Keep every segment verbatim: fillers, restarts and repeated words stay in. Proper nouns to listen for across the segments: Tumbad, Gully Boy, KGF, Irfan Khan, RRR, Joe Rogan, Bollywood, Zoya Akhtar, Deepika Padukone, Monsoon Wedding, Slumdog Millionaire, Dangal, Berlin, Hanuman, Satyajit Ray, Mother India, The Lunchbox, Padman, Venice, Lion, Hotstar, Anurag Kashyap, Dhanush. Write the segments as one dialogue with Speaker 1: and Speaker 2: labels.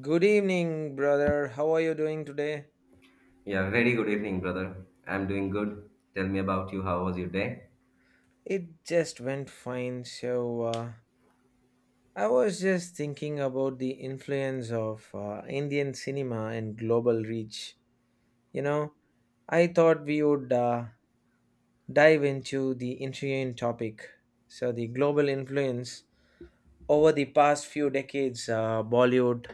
Speaker 1: Good evening, brother. How are you doing today?
Speaker 2: Yeah, very good evening, brother. I'm doing good. Tell me about you. How was your day?
Speaker 1: It just went fine. So, uh, I was just thinking about the influence of uh, Indian cinema and global reach. You know, I thought we would uh, dive into the intriguing topic. So, the global influence over the past few decades, uh, Bollywood,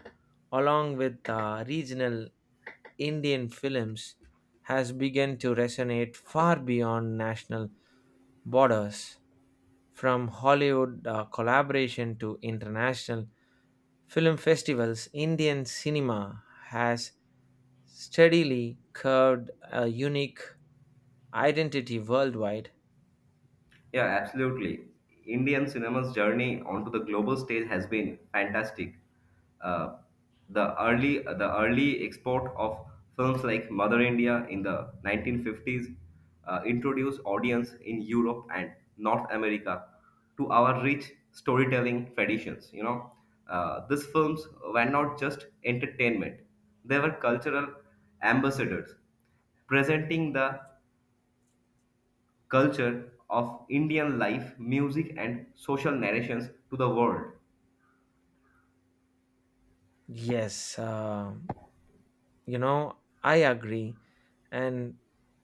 Speaker 1: along with uh, regional Indian films, has begun to resonate far beyond national borders. From Hollywood uh, collaboration to international film festivals, Indian cinema has steadily carved a unique identity worldwide.
Speaker 2: Yeah, absolutely. Indian cinema's journey onto the global stage has been fantastic. Uh, the early the early export of films like Mother India in the nineteen fifties uh, introduced audience in Europe and North America to our rich storytelling traditions. You know, uh, these films were not just entertainment; they were cultural ambassadors presenting the culture of Indian life, music, and social narrations to the world.
Speaker 1: Yes, um You know, I agree. And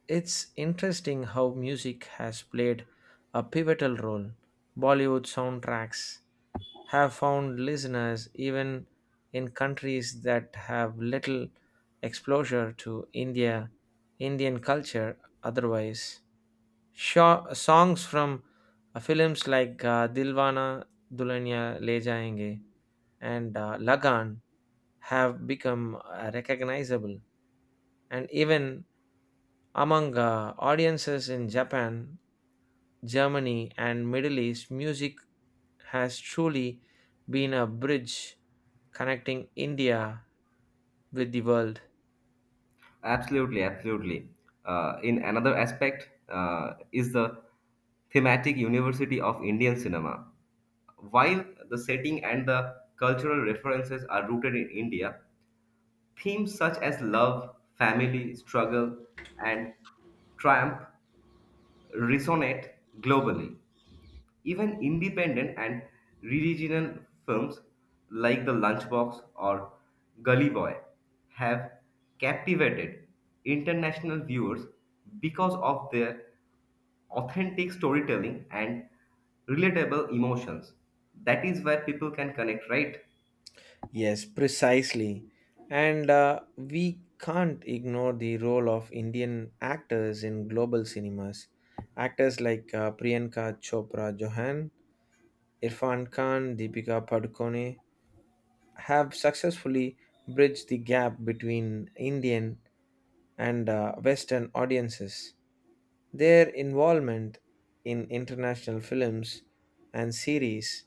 Speaker 1: it's interesting how music has played a pivotal role. Bollywood soundtracks have found listeners even in countries that have little exposure to India, Indian culture otherwise. Sho- songs from uh, films like uh, Dilwana Dulhania Le Jayenge and uh, Lagan have become uh, recognizable and even among uh, audiences in Japan, Germany, and Middle East, music has truly been a bridge connecting India with the world.
Speaker 2: Absolutely, absolutely. Uh, in another aspect uh, is the thematic university of Indian cinema. While the setting and the cultural references are rooted in India, themes such as love, family, struggle, and triumph resonate globally. Even independent and regional films like The Lunchbox or Gully Boy have captivated international viewers because of their authentic storytelling and relatable emotions. That is where people can connect, right?
Speaker 1: Yes, precisely. And uh, we can't ignore the role of Indian actors in global cinemas. Actors like uh, Priyanka Chopra Johan, Irfan Khan, Deepika Padukone, have successfully bridged the gap between Indian and uh, Western audiences. Their involvement in international films and series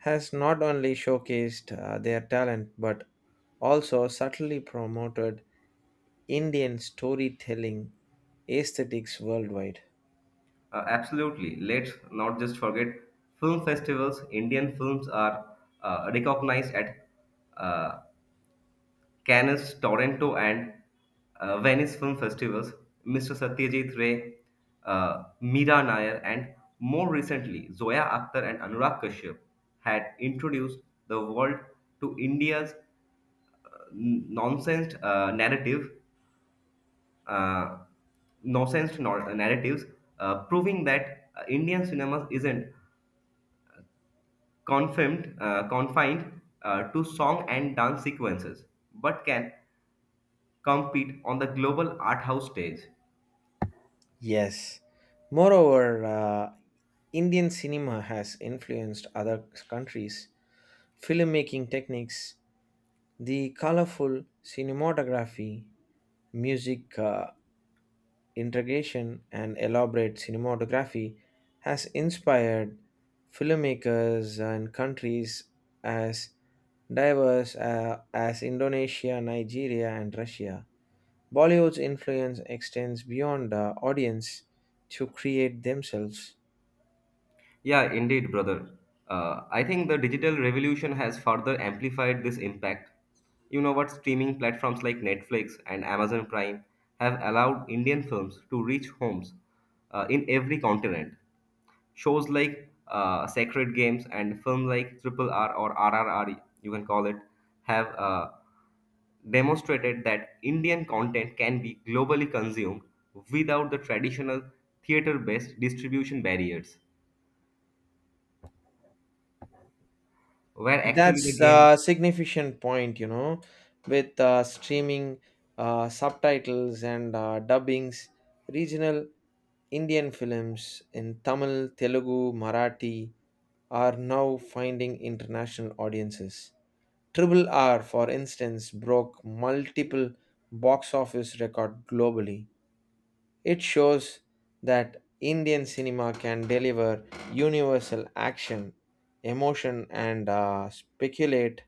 Speaker 1: has not only showcased uh, their talent but also subtly promoted Indian storytelling aesthetics worldwide.
Speaker 2: Uh, absolutely. Let's not just forget film festivals. Indian films are uh, recognized at uh, Cannes, Toronto, and uh, Venice film festivals, mister Satyajit Ray, uh, Meera Nair, and more recently Zoya Akhtar and Anurag Kashyap had introduced the world to India's n- nonsense uh, narrative, uh, nonsense nor- uh, narratives, uh, proving that uh, Indian cinema isn't confined, uh, confined uh, to song and dance sequences, but can compete on the global art house stage.
Speaker 1: Yes. Moreover, uh, Indian cinema has influenced other countries' filmmaking techniques. The colorful cinematography, music uh, integration, and elaborate cinematography has inspired filmmakers and countries as diverse uh, as Indonesia, Nigeria, and Russia. Bollywood's influence extends beyond the audience to create themselves.
Speaker 2: Yeah, indeed, brother. Uh, I think the digital revolution has further amplified this impact. You know what? Streaming platforms like Netflix and Amazon Prime have allowed Indian films to reach homes uh, in every continent. Shows like uh, Sacred Games and film like Triple R or R R R, you can call it, have uh, demonstrated that Indian content can be globally consumed without the traditional theater based distribution barriers. Where actually the
Speaker 1: That's
Speaker 2: game
Speaker 1: a significant point, you know, with uh, streaming uh, subtitles and uh, dubbings, regional Indian films in Tamil, Telugu, Marathi are now finding international audiences. Triple R, for instance, broke multiple box office record globally. It shows that Indian cinema can deliver universal action, emotion, and uh, speculate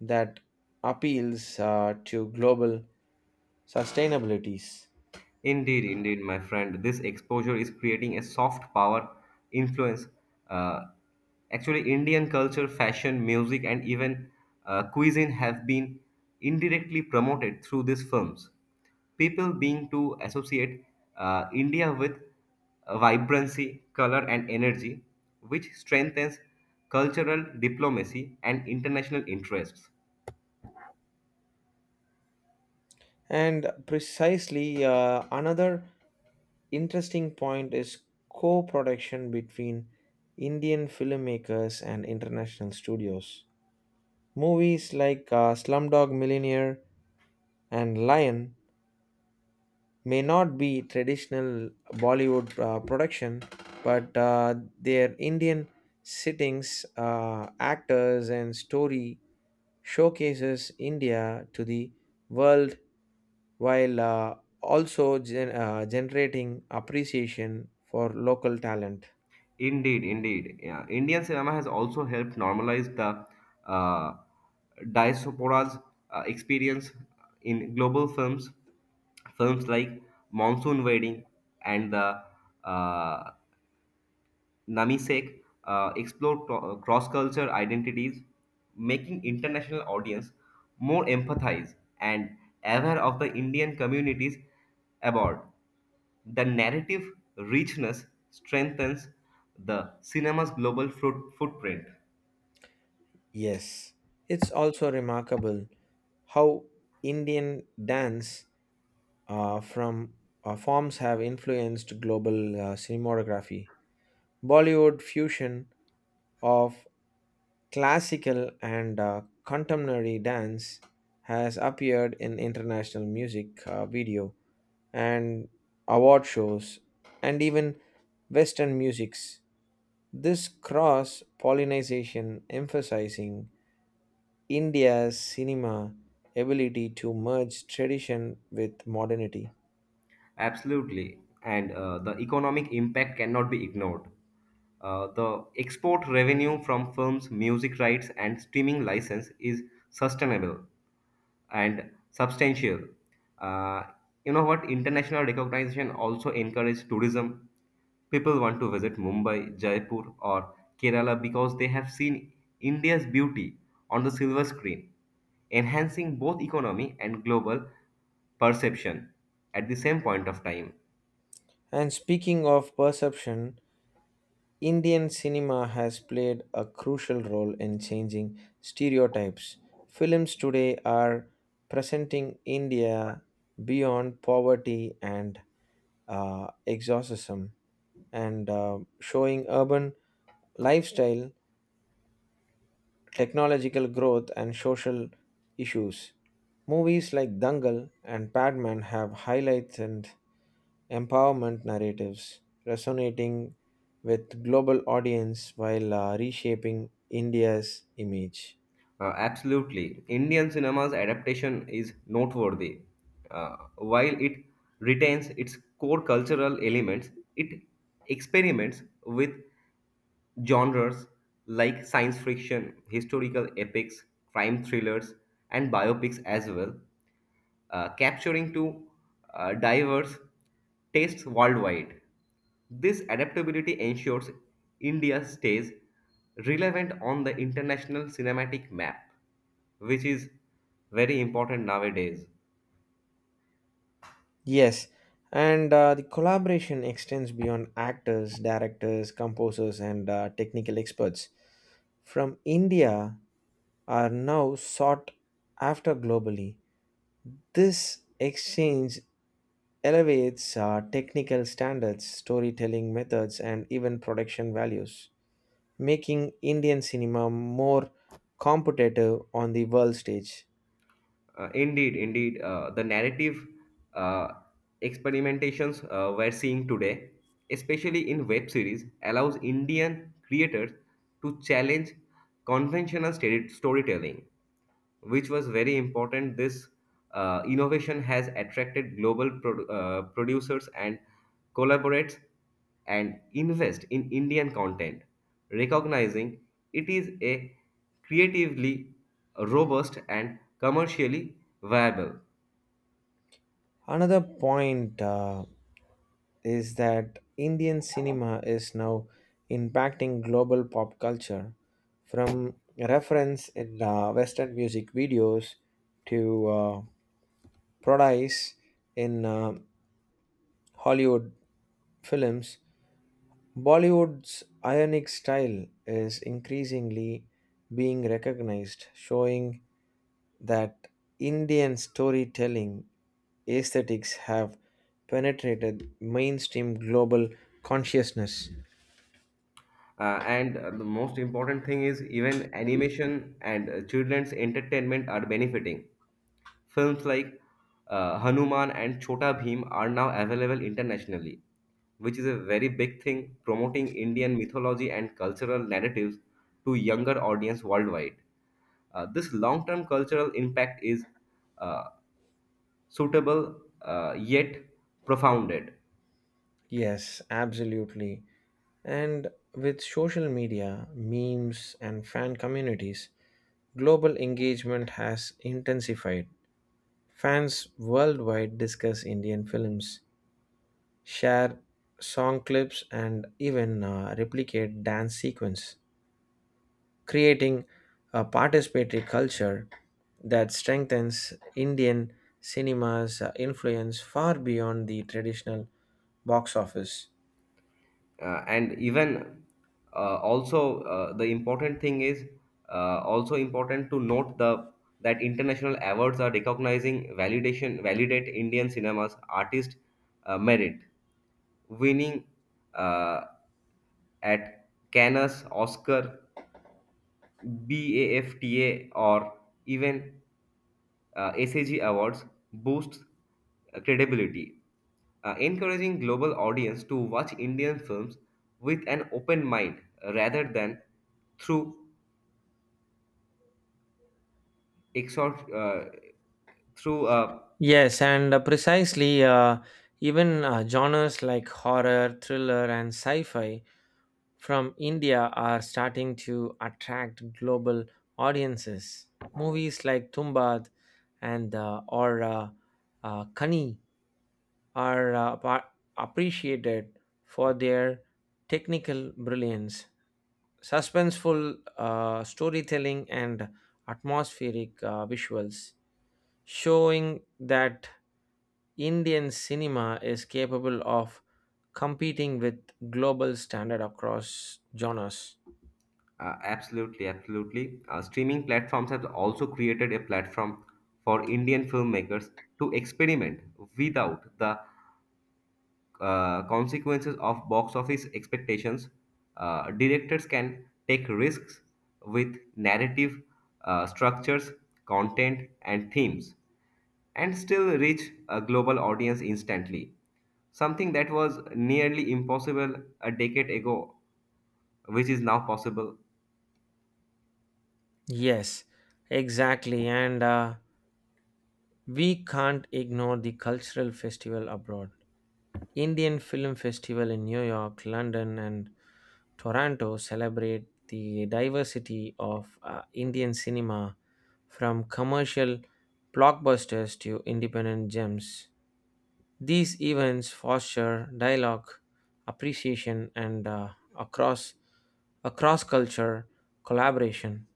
Speaker 1: that appeals uh, to global sustainabilities.
Speaker 2: indeed, indeed, my friend, this exposure is creating a soft power influence. uh, Actually, Indian culture, fashion, music, and even uh, cuisine have been indirectly promoted through these films. People being to associate uh, India with uh, vibrancy, color, and energy, which strengthens cultural diplomacy and international interests.
Speaker 1: And precisely uh, another interesting point is co production between Indian filmmakers and international studios. Movies like uh, Slumdog Millionaire and Lion may not be traditional Bollywood uh, production, but uh, their Indian sittings, uh, actors, and story showcases India to the world while uh, also gen- uh, generating appreciation for local talent.
Speaker 2: Indeed, indeed. Yeah. Indian cinema has also helped normalize the uh, diaspora's uh, experience in global films. Films like Monsoon Wedding and the uh, Namisek uh, explore cross culture identities, making international audience more empathized and aware of the Indian communities abroad. The narrative richness strengthens the cinema's global fruit, footprint.
Speaker 1: Yes, it's also remarkable how Indian dance uh, from uh, forms have influenced global uh, cinematography. Bollywood fusion of classical and uh, contemporary dance has appeared in international music uh, video and award shows, and even Western musics. This cross pollination emphasizing India's cinema ability to merge tradition with modernity.
Speaker 2: Absolutely. And uh, the economic impact cannot be ignored. Uh, the export revenue from films, music rights, and streaming license is sustainable and substantial. Uh, you know what? International recognition also encourages tourism. People want to visit Mumbai, Jaipur, or Kerala because they have seen India's beauty on the silver screen, enhancing both economy and global perception at the same point of time.
Speaker 1: And speaking of perception, Indian cinema has played a crucial role in changing stereotypes. Films today are presenting India beyond poverty and uh, exorcism and uh, showing urban lifestyle, technological growth, and social issues. Movies like Dangal and Padman have highlights and empowerment narratives, resonating with global audience while uh, reshaping India's image.
Speaker 2: Uh, absolutely. Indian cinema's adaptation is noteworthy. Uh, while it retains its core cultural elements, it experiments with genres like science fiction, historical epics, crime thrillers, and biopics as well, uh, capturing to uh, diverse tastes worldwide. This adaptability ensures India stays relevant on the international cinematic map, which is very important nowadays.
Speaker 1: Yes, and uh, the collaboration extends beyond actors, directors, composers, and uh, technical experts. From India are now sought after globally. This exchange elevates uh, technical standards, storytelling methods, and even production values, making Indian cinema more competitive on the world stage.
Speaker 2: Uh, indeed, indeed, uh, the narrative uh, experimentations uh, we're seeing today, especially in web series, allows Indian creators to challenge conventional stere- storytelling, which was very important. This uh, innovation has attracted global pro uh, producers and collaborates and invest in Indian content, recognizing it is a creatively robust and commercially viable.
Speaker 1: Another point uh, is that Indian cinema is now impacting global pop culture from reference in uh, Western music videos to uh, parodies in uh, Hollywood films, Bollywood's ionic style is increasingly being recognized, showing that Indian storytelling aesthetics have penetrated mainstream global consciousness.
Speaker 2: Uh, and uh, the most important thing is even animation and uh, children's entertainment are benefiting. Films like uh, Hanuman and Chota Bhim are now available internationally, which is a very big thing, promoting Indian mythology and cultural narratives to younger audience worldwide. Uh, this long-term cultural impact is uh, suitable uh, yet profounded.
Speaker 1: Yes, absolutely. And with social media, memes, and fan communities, global engagement has intensified. Fans worldwide discuss Indian films, share song clips, and even uh, replicate dance sequence, creating a participatory culture that strengthens Indian cinema's uh, influence far beyond the traditional box office.
Speaker 2: Uh, and even uh, also uh, the important thing is uh, also important to note the that international awards are recognizing validation validate Indian cinemas artist uh, merit. Winning uh, at Cannes, Oscar, BAFTA, or even uh, SAG Awards boosts uh, credibility, uh, encouraging global audience to watch Indian films with an open mind, uh, rather than through exhort, uh, through uh,
Speaker 1: Yes, and uh, precisely, uh, even uh, genres like horror, thriller, and sci fi from India are starting to attract global audiences. Movies like Tumbad and uh, or uh, uh, Kani are uh, pa- appreciated for their technical brilliance, suspenseful uh, storytelling, and atmospheric uh, visuals, showing that Indian cinema is capable of competing with global standard across genres.
Speaker 2: uh, Absolutely, absolutely. Uh, streaming platforms have also created a platform for Indian filmmakers to experiment without the uh, consequences of box office expectations. Uh, directors can take risks with narrative uh, structures, content, and themes, and still reach a global audience instantly. Something that was nearly impossible a decade ago, which is now possible.
Speaker 1: Yes, exactly. And uh, we can't ignore the cultural festival abroad. Indian Film Festival in New York, London, and Toronto celebrate the diversity of uh, Indian cinema from commercial blockbusters to independent gems. These events foster dialogue, appreciation, and uh, across across culture collaboration.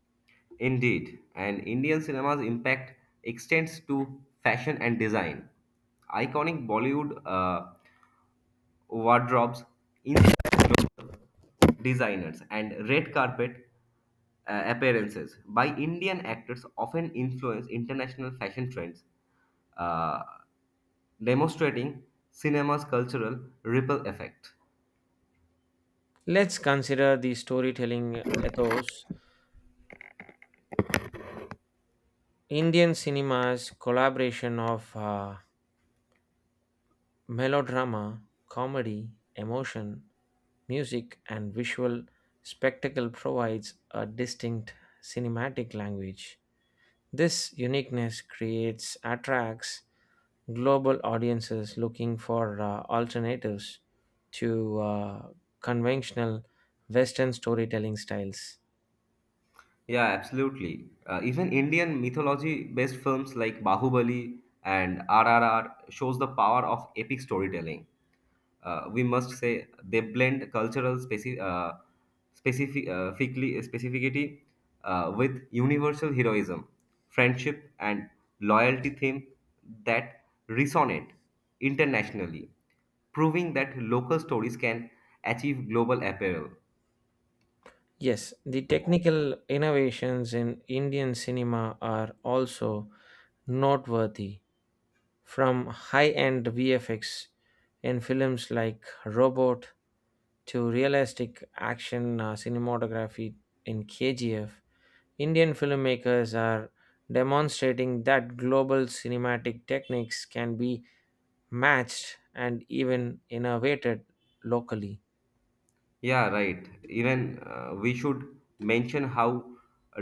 Speaker 2: Indeed, and Indian cinema's impact extends to fashion and design. Iconic Bollywood uh, wardrobes, designers, and red carpet uh, appearances by Indian actors often influence international fashion trends, uh, demonstrating cinema's cultural ripple effect.
Speaker 1: Let's consider the storytelling ethos. Indian cinema's collaboration of uh, melodrama, comedy, emotion, music, and visual spectacle provides a distinct cinematic language. This uniqueness creates attracts global audiences looking for uh, alternatives to uh, conventional Western storytelling styles.
Speaker 2: Yeah, absolutely. Uh, even Indian mythology-based films like Bahubali and R R R shows the power of epic storytelling. Uh, we must say they blend cultural speci- uh, specific uh, ficli- specificity uh, with universal heroism, friendship, and loyalty theme that resonate internationally, proving that local stories can achieve global appeal.
Speaker 1: Yes, the technical innovations in Indian cinema are also noteworthy. From high-end V F X in films like Robot to realistic action uh, cinematography in K G F, Indian filmmakers are demonstrating that global cinematic techniques can be matched and even innovated locally.
Speaker 2: Yeah, right. Even uh, we should mention how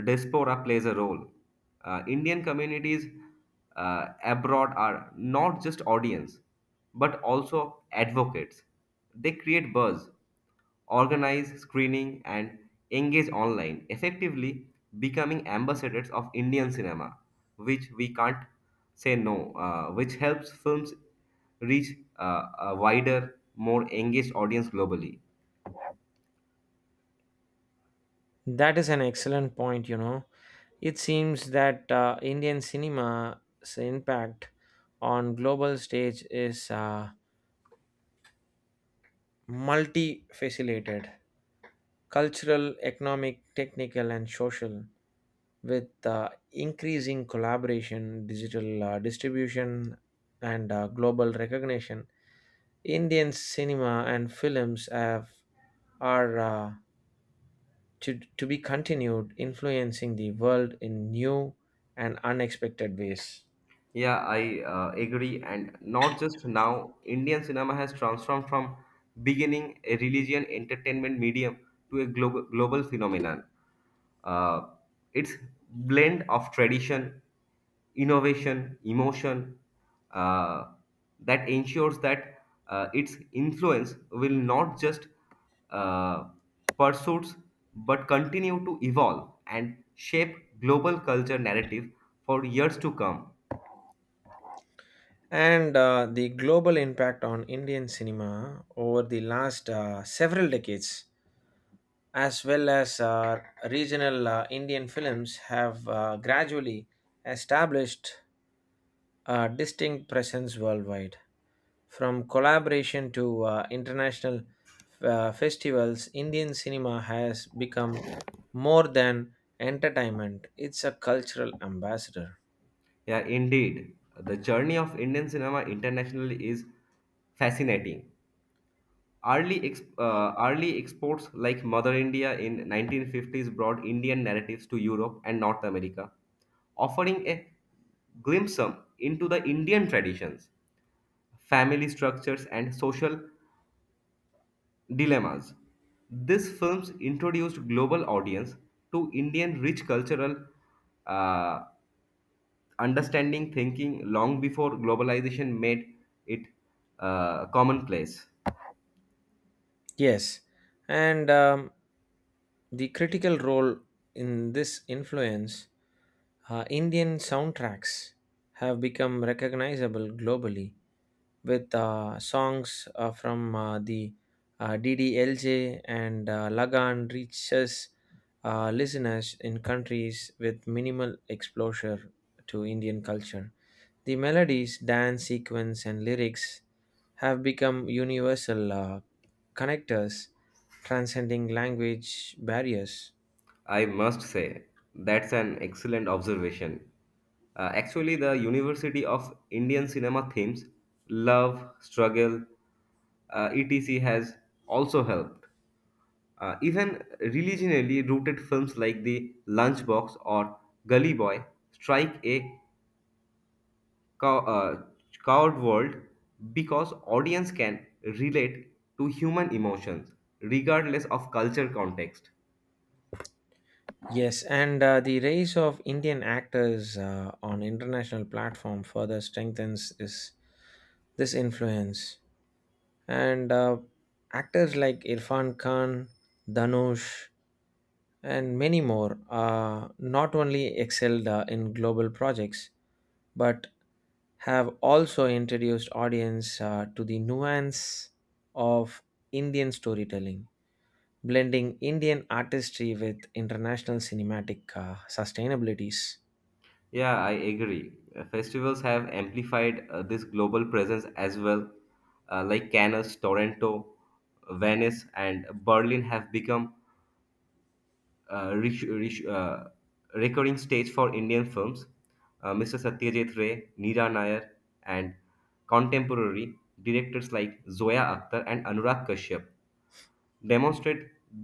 Speaker 2: diaspora plays a role. Uh, Indian communities uh, abroad are not just audience, but also advocates. They create buzz, organize screening, and engage online, effectively becoming ambassadors of Indian cinema, which we can't say no, uh, which helps films reach uh, a wider, more engaged audience globally.
Speaker 1: That is an excellent point, you know. It seems that uh, Indian cinema's impact on global stage is uh, multifaceted: cultural, economic, technical, and social, with uh, increasing collaboration, digital uh, distribution, and uh, global recognition. Indian cinema and films have are uh, to, to be continued influencing the world in new and unexpected ways.
Speaker 2: Yeah, I uh, agree. And not just now, Indian cinema has transformed from beginning a religion entertainment medium to a global, global phenomenon. Uh, it's blend of tradition, innovation, emotion uh, that ensures that uh, its influence will not just uh, pursuits, but continue to evolve and shape global culture narrative for years to come.
Speaker 1: And uh, the global impact on Indian cinema over the last uh, several decades as well as uh, regional uh, Indian films, have uh, gradually established a distinct presence worldwide. From collaboration to uh, international uh, festivals, Indian cinema has become more than entertainment, it's a cultural ambassador.
Speaker 2: Yeah, indeed. The journey of Indian cinema internationally is fascinating. Early, ex- uh, early exports like Mother India in nineteen fifties brought Indian narratives to Europe and North America, offering a glimpse into the Indian traditions, family structures, and social dilemmas. These films introduced global audience to Indian rich cultural uh, understanding thinking long before globalization made it uh, commonplace.
Speaker 1: Yes, and um, the critical role in this influence, uh, Indian soundtracks have become recognizable globally with uh, songs uh, from uh, the uh, D D L J and uh, Lagan reaches uh, listeners in countries with minimal exposure to Indian culture. The melodies, dance sequence, and lyrics have become universal uh, connectors, transcending language barriers.
Speaker 2: I must say, that's an excellent observation. Uh, actually, the University of Indian Cinema themes, love, struggle, uh, et cetera, has also helped. Uh, even religionally rooted films like The Lunchbox or Gully Boy strike a cow- uh, cowed world because audience can relate to human emotions regardless of culture context.
Speaker 1: Yes, and uh, the rise of Indian actors uh, on international platform further strengthens this, this influence. And uh, actors like Irfan Khan, Dhanush, and many more uh, not only excelled uh, in global projects, but have also introduced audience uh, to the nuance of Indian storytelling, blending Indian artistry with international cinematic uh, sustainabilities.
Speaker 2: Yeah, I agree. Uh, festivals have amplified uh, this global presence as well, uh, like Cannes, Toronto, Venice, and Berlin have become uh, rich, rich, uh, recurring stage for Indian films. Uh, Mr. Satyajit Ray, Neera Nair, and contemporary directors like Zoya Akhtar and Anurag Kashyap demonstrate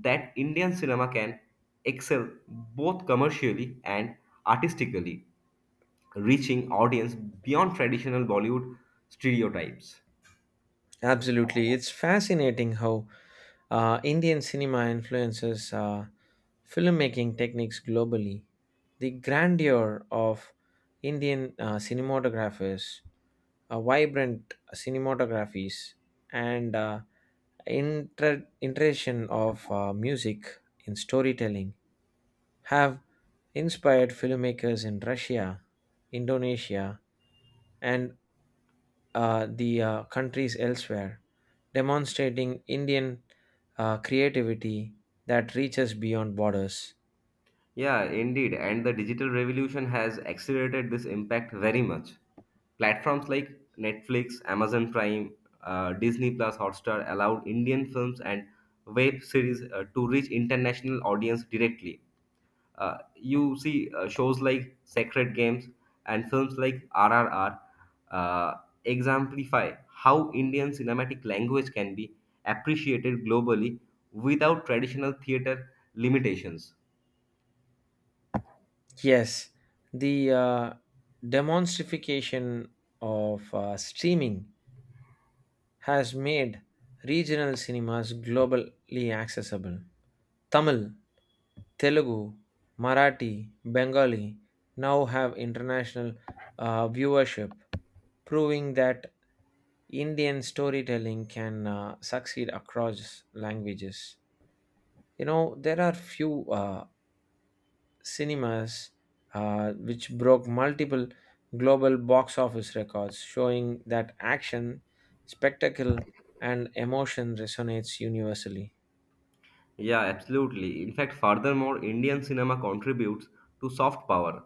Speaker 2: that Indian cinema can excel both commercially and artistically, reaching audience beyond traditional Bollywood stereotypes.
Speaker 1: Absolutely. It's fascinating how uh, Indian cinema influences uh, filmmaking techniques globally. The grandeur of Indian uh, cinematographers, uh, vibrant cinematographies, and uh, inter- iteration of uh, music in storytelling have inspired filmmakers in Russia, Indonesia, and uh, the uh, countries elsewhere, demonstrating Indian uh, creativity that reaches beyond borders.
Speaker 2: Yeah, indeed, and the digital revolution has accelerated this impact very much. Platforms like Netflix, Amazon Prime, uh, Disney Plus, Hotstar allowed Indian films and web series uh, to reach international audience directly. Uh, you see uh, shows like Sacred Games and films like R R R uh, exemplify how Indian cinematic language can be appreciated globally without traditional theater limitations.
Speaker 1: Yes, the uh, demonstrification of uh, streaming has made regional cinemas globally accessible. Tamil, Telugu, Marathi, Bengali now have international uh, viewership, proving that Indian storytelling can uh, succeed across languages. You know, there are few uh, cinemas uh, which broke multiple global box office records, showing that action, spectacle, and emotion resonates universally.
Speaker 2: Yeah, absolutely. In fact, furthermore, Indian cinema contributes to soft power.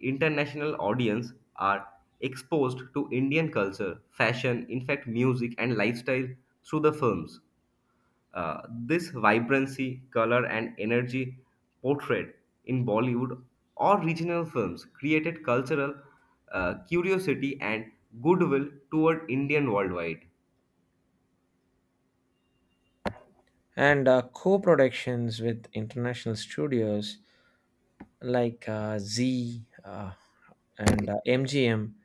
Speaker 2: International audience are exposed to Indian culture, fashion, in fact, music and lifestyle through the films. Uh, this vibrancy, color, and energy portrayed in Bollywood or regional films created cultural uh, curiosity and goodwill toward Indian worldwide.
Speaker 1: And uh, co productions with international studios like uh, Z uh, and uh, M G M,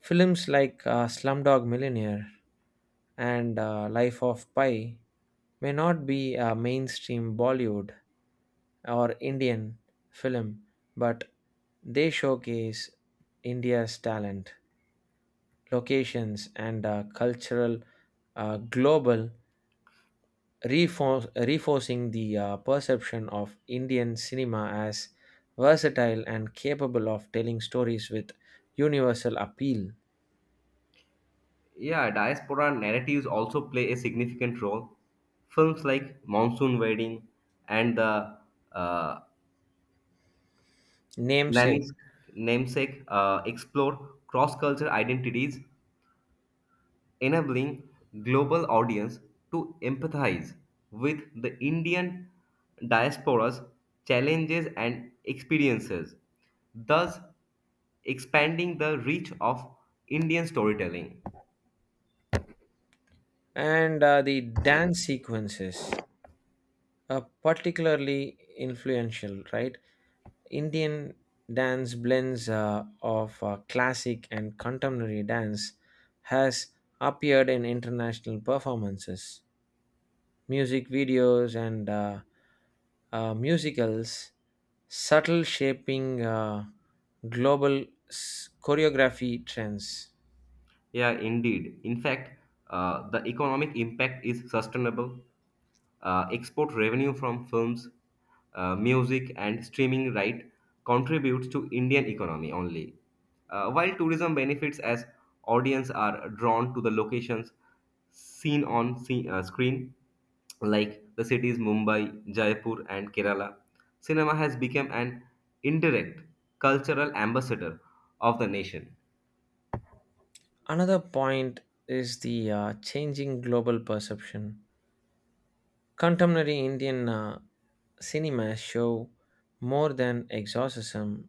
Speaker 1: films like uh, Slumdog Millionaire and uh, Life of Pi may not be a mainstream Bollywood or Indian film, but they showcase India's talent, locations, and uh, cultural uh, global, refor- reinforcing the uh, perception of Indian cinema as versatile and capable of telling stories with universal appeal,
Speaker 2: Yeah, diaspora narratives also play a significant role. Films like Monsoon Wedding and the uh,
Speaker 1: namesake,
Speaker 2: Namis- Namesake uh, explore cross cultural identities, enabling global audience to empathize with the Indian diaspora's challenges and experiences, thus expanding the reach of Indian storytelling.
Speaker 1: and uh, the dance sequences. Uh, particularly influential, right? Indian dance blends uh, of uh, classic and contemporary dance has appeared in international performances, music videos, and uh, uh, musicals, subtle shaping uh, global s- choreography trends.
Speaker 2: Yeah, indeed. In fact, uh, the economic impact is sustainable. Uh, export revenue from films, uh, music, and streaming right contributes to Indian economy only. Uh, while tourism benefits as audience are drawn to the locations seen on se- uh, screen, like the cities Mumbai, Jaipur, and Kerala, cinema has become an indirect cultural ambassador of the nation.
Speaker 1: Another point is the uh, changing global perception. Contemporary Indian uh, cinema show more than exorcism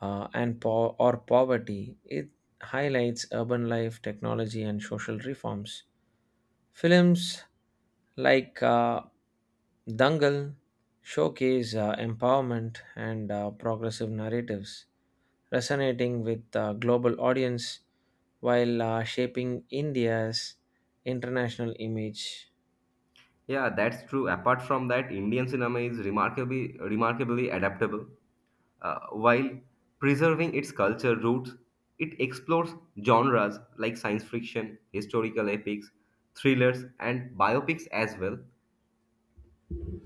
Speaker 1: uh, and po- or poverty. It highlights urban life, technology, and social reforms. Films like uh, Dangal showcase uh, empowerment and uh, progressive narratives, resonating with uh, global audience while uh, shaping India's international image.
Speaker 2: Yeah, that's true. Apart from that, Indian cinema is remarkably remarkably adaptable. Uh, while preserving its culture roots, it explores genres like science fiction, historical epics, thrillers, and biopics as well,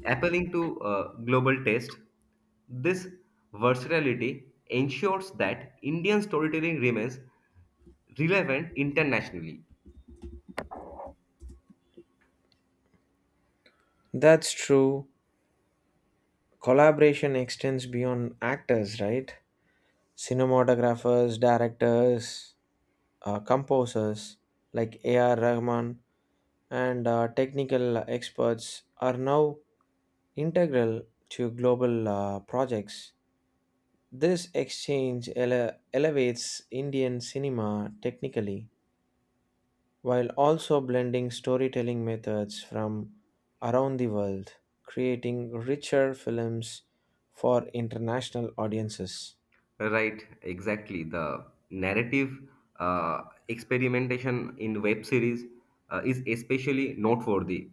Speaker 2: appealing to uh, global taste. This versatility ensures that Indian storytelling remains relevant internationally.
Speaker 1: That's true. Collaboration extends beyond actors, right? Cinematographers, directors, uh, composers like A R. Rahman and uh, technical experts are now integral to global uh, projects. This exchange ele- elevates Indian cinema technically while also blending storytelling methods from around the world, creating richer films for international audiences.
Speaker 2: Right, exactly. The narrative uh, experimentation in web series uh, is especially noteworthy.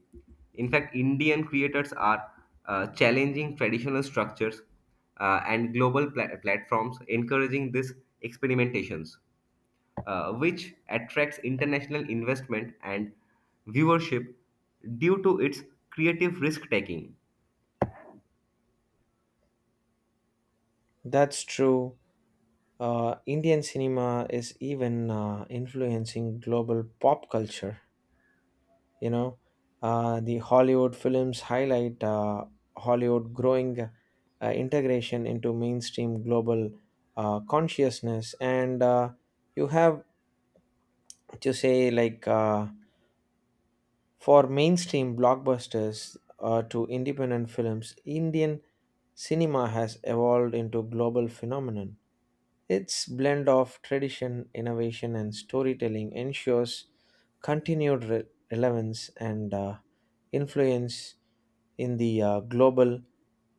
Speaker 2: In fact, Indian creators are uh, challenging traditional structures uh, and global pla- platforms, encouraging these experimentations, uh, which attracts international investment and viewership due to its creative risk taking.
Speaker 1: That's true. Uh, Indian cinema is even uh, influencing global pop culture. You know, uh, the Hollywood films highlight uh, Hollywood growing uh, integration into mainstream global uh, consciousness, and uh, you have to say like. Uh, For mainstream blockbusters uh, to independent films, Indian cinema has evolved into global phenomenon. Its blend of tradition, innovation, and storytelling ensures continued re- relevance and uh, influence in the uh, global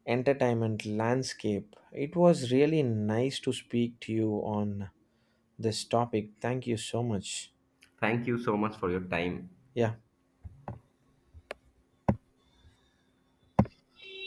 Speaker 1: entertainment landscape. It was really nice to speak to you on this topic. Thank you so much.
Speaker 2: Thank you so much for your time.
Speaker 1: Yeah.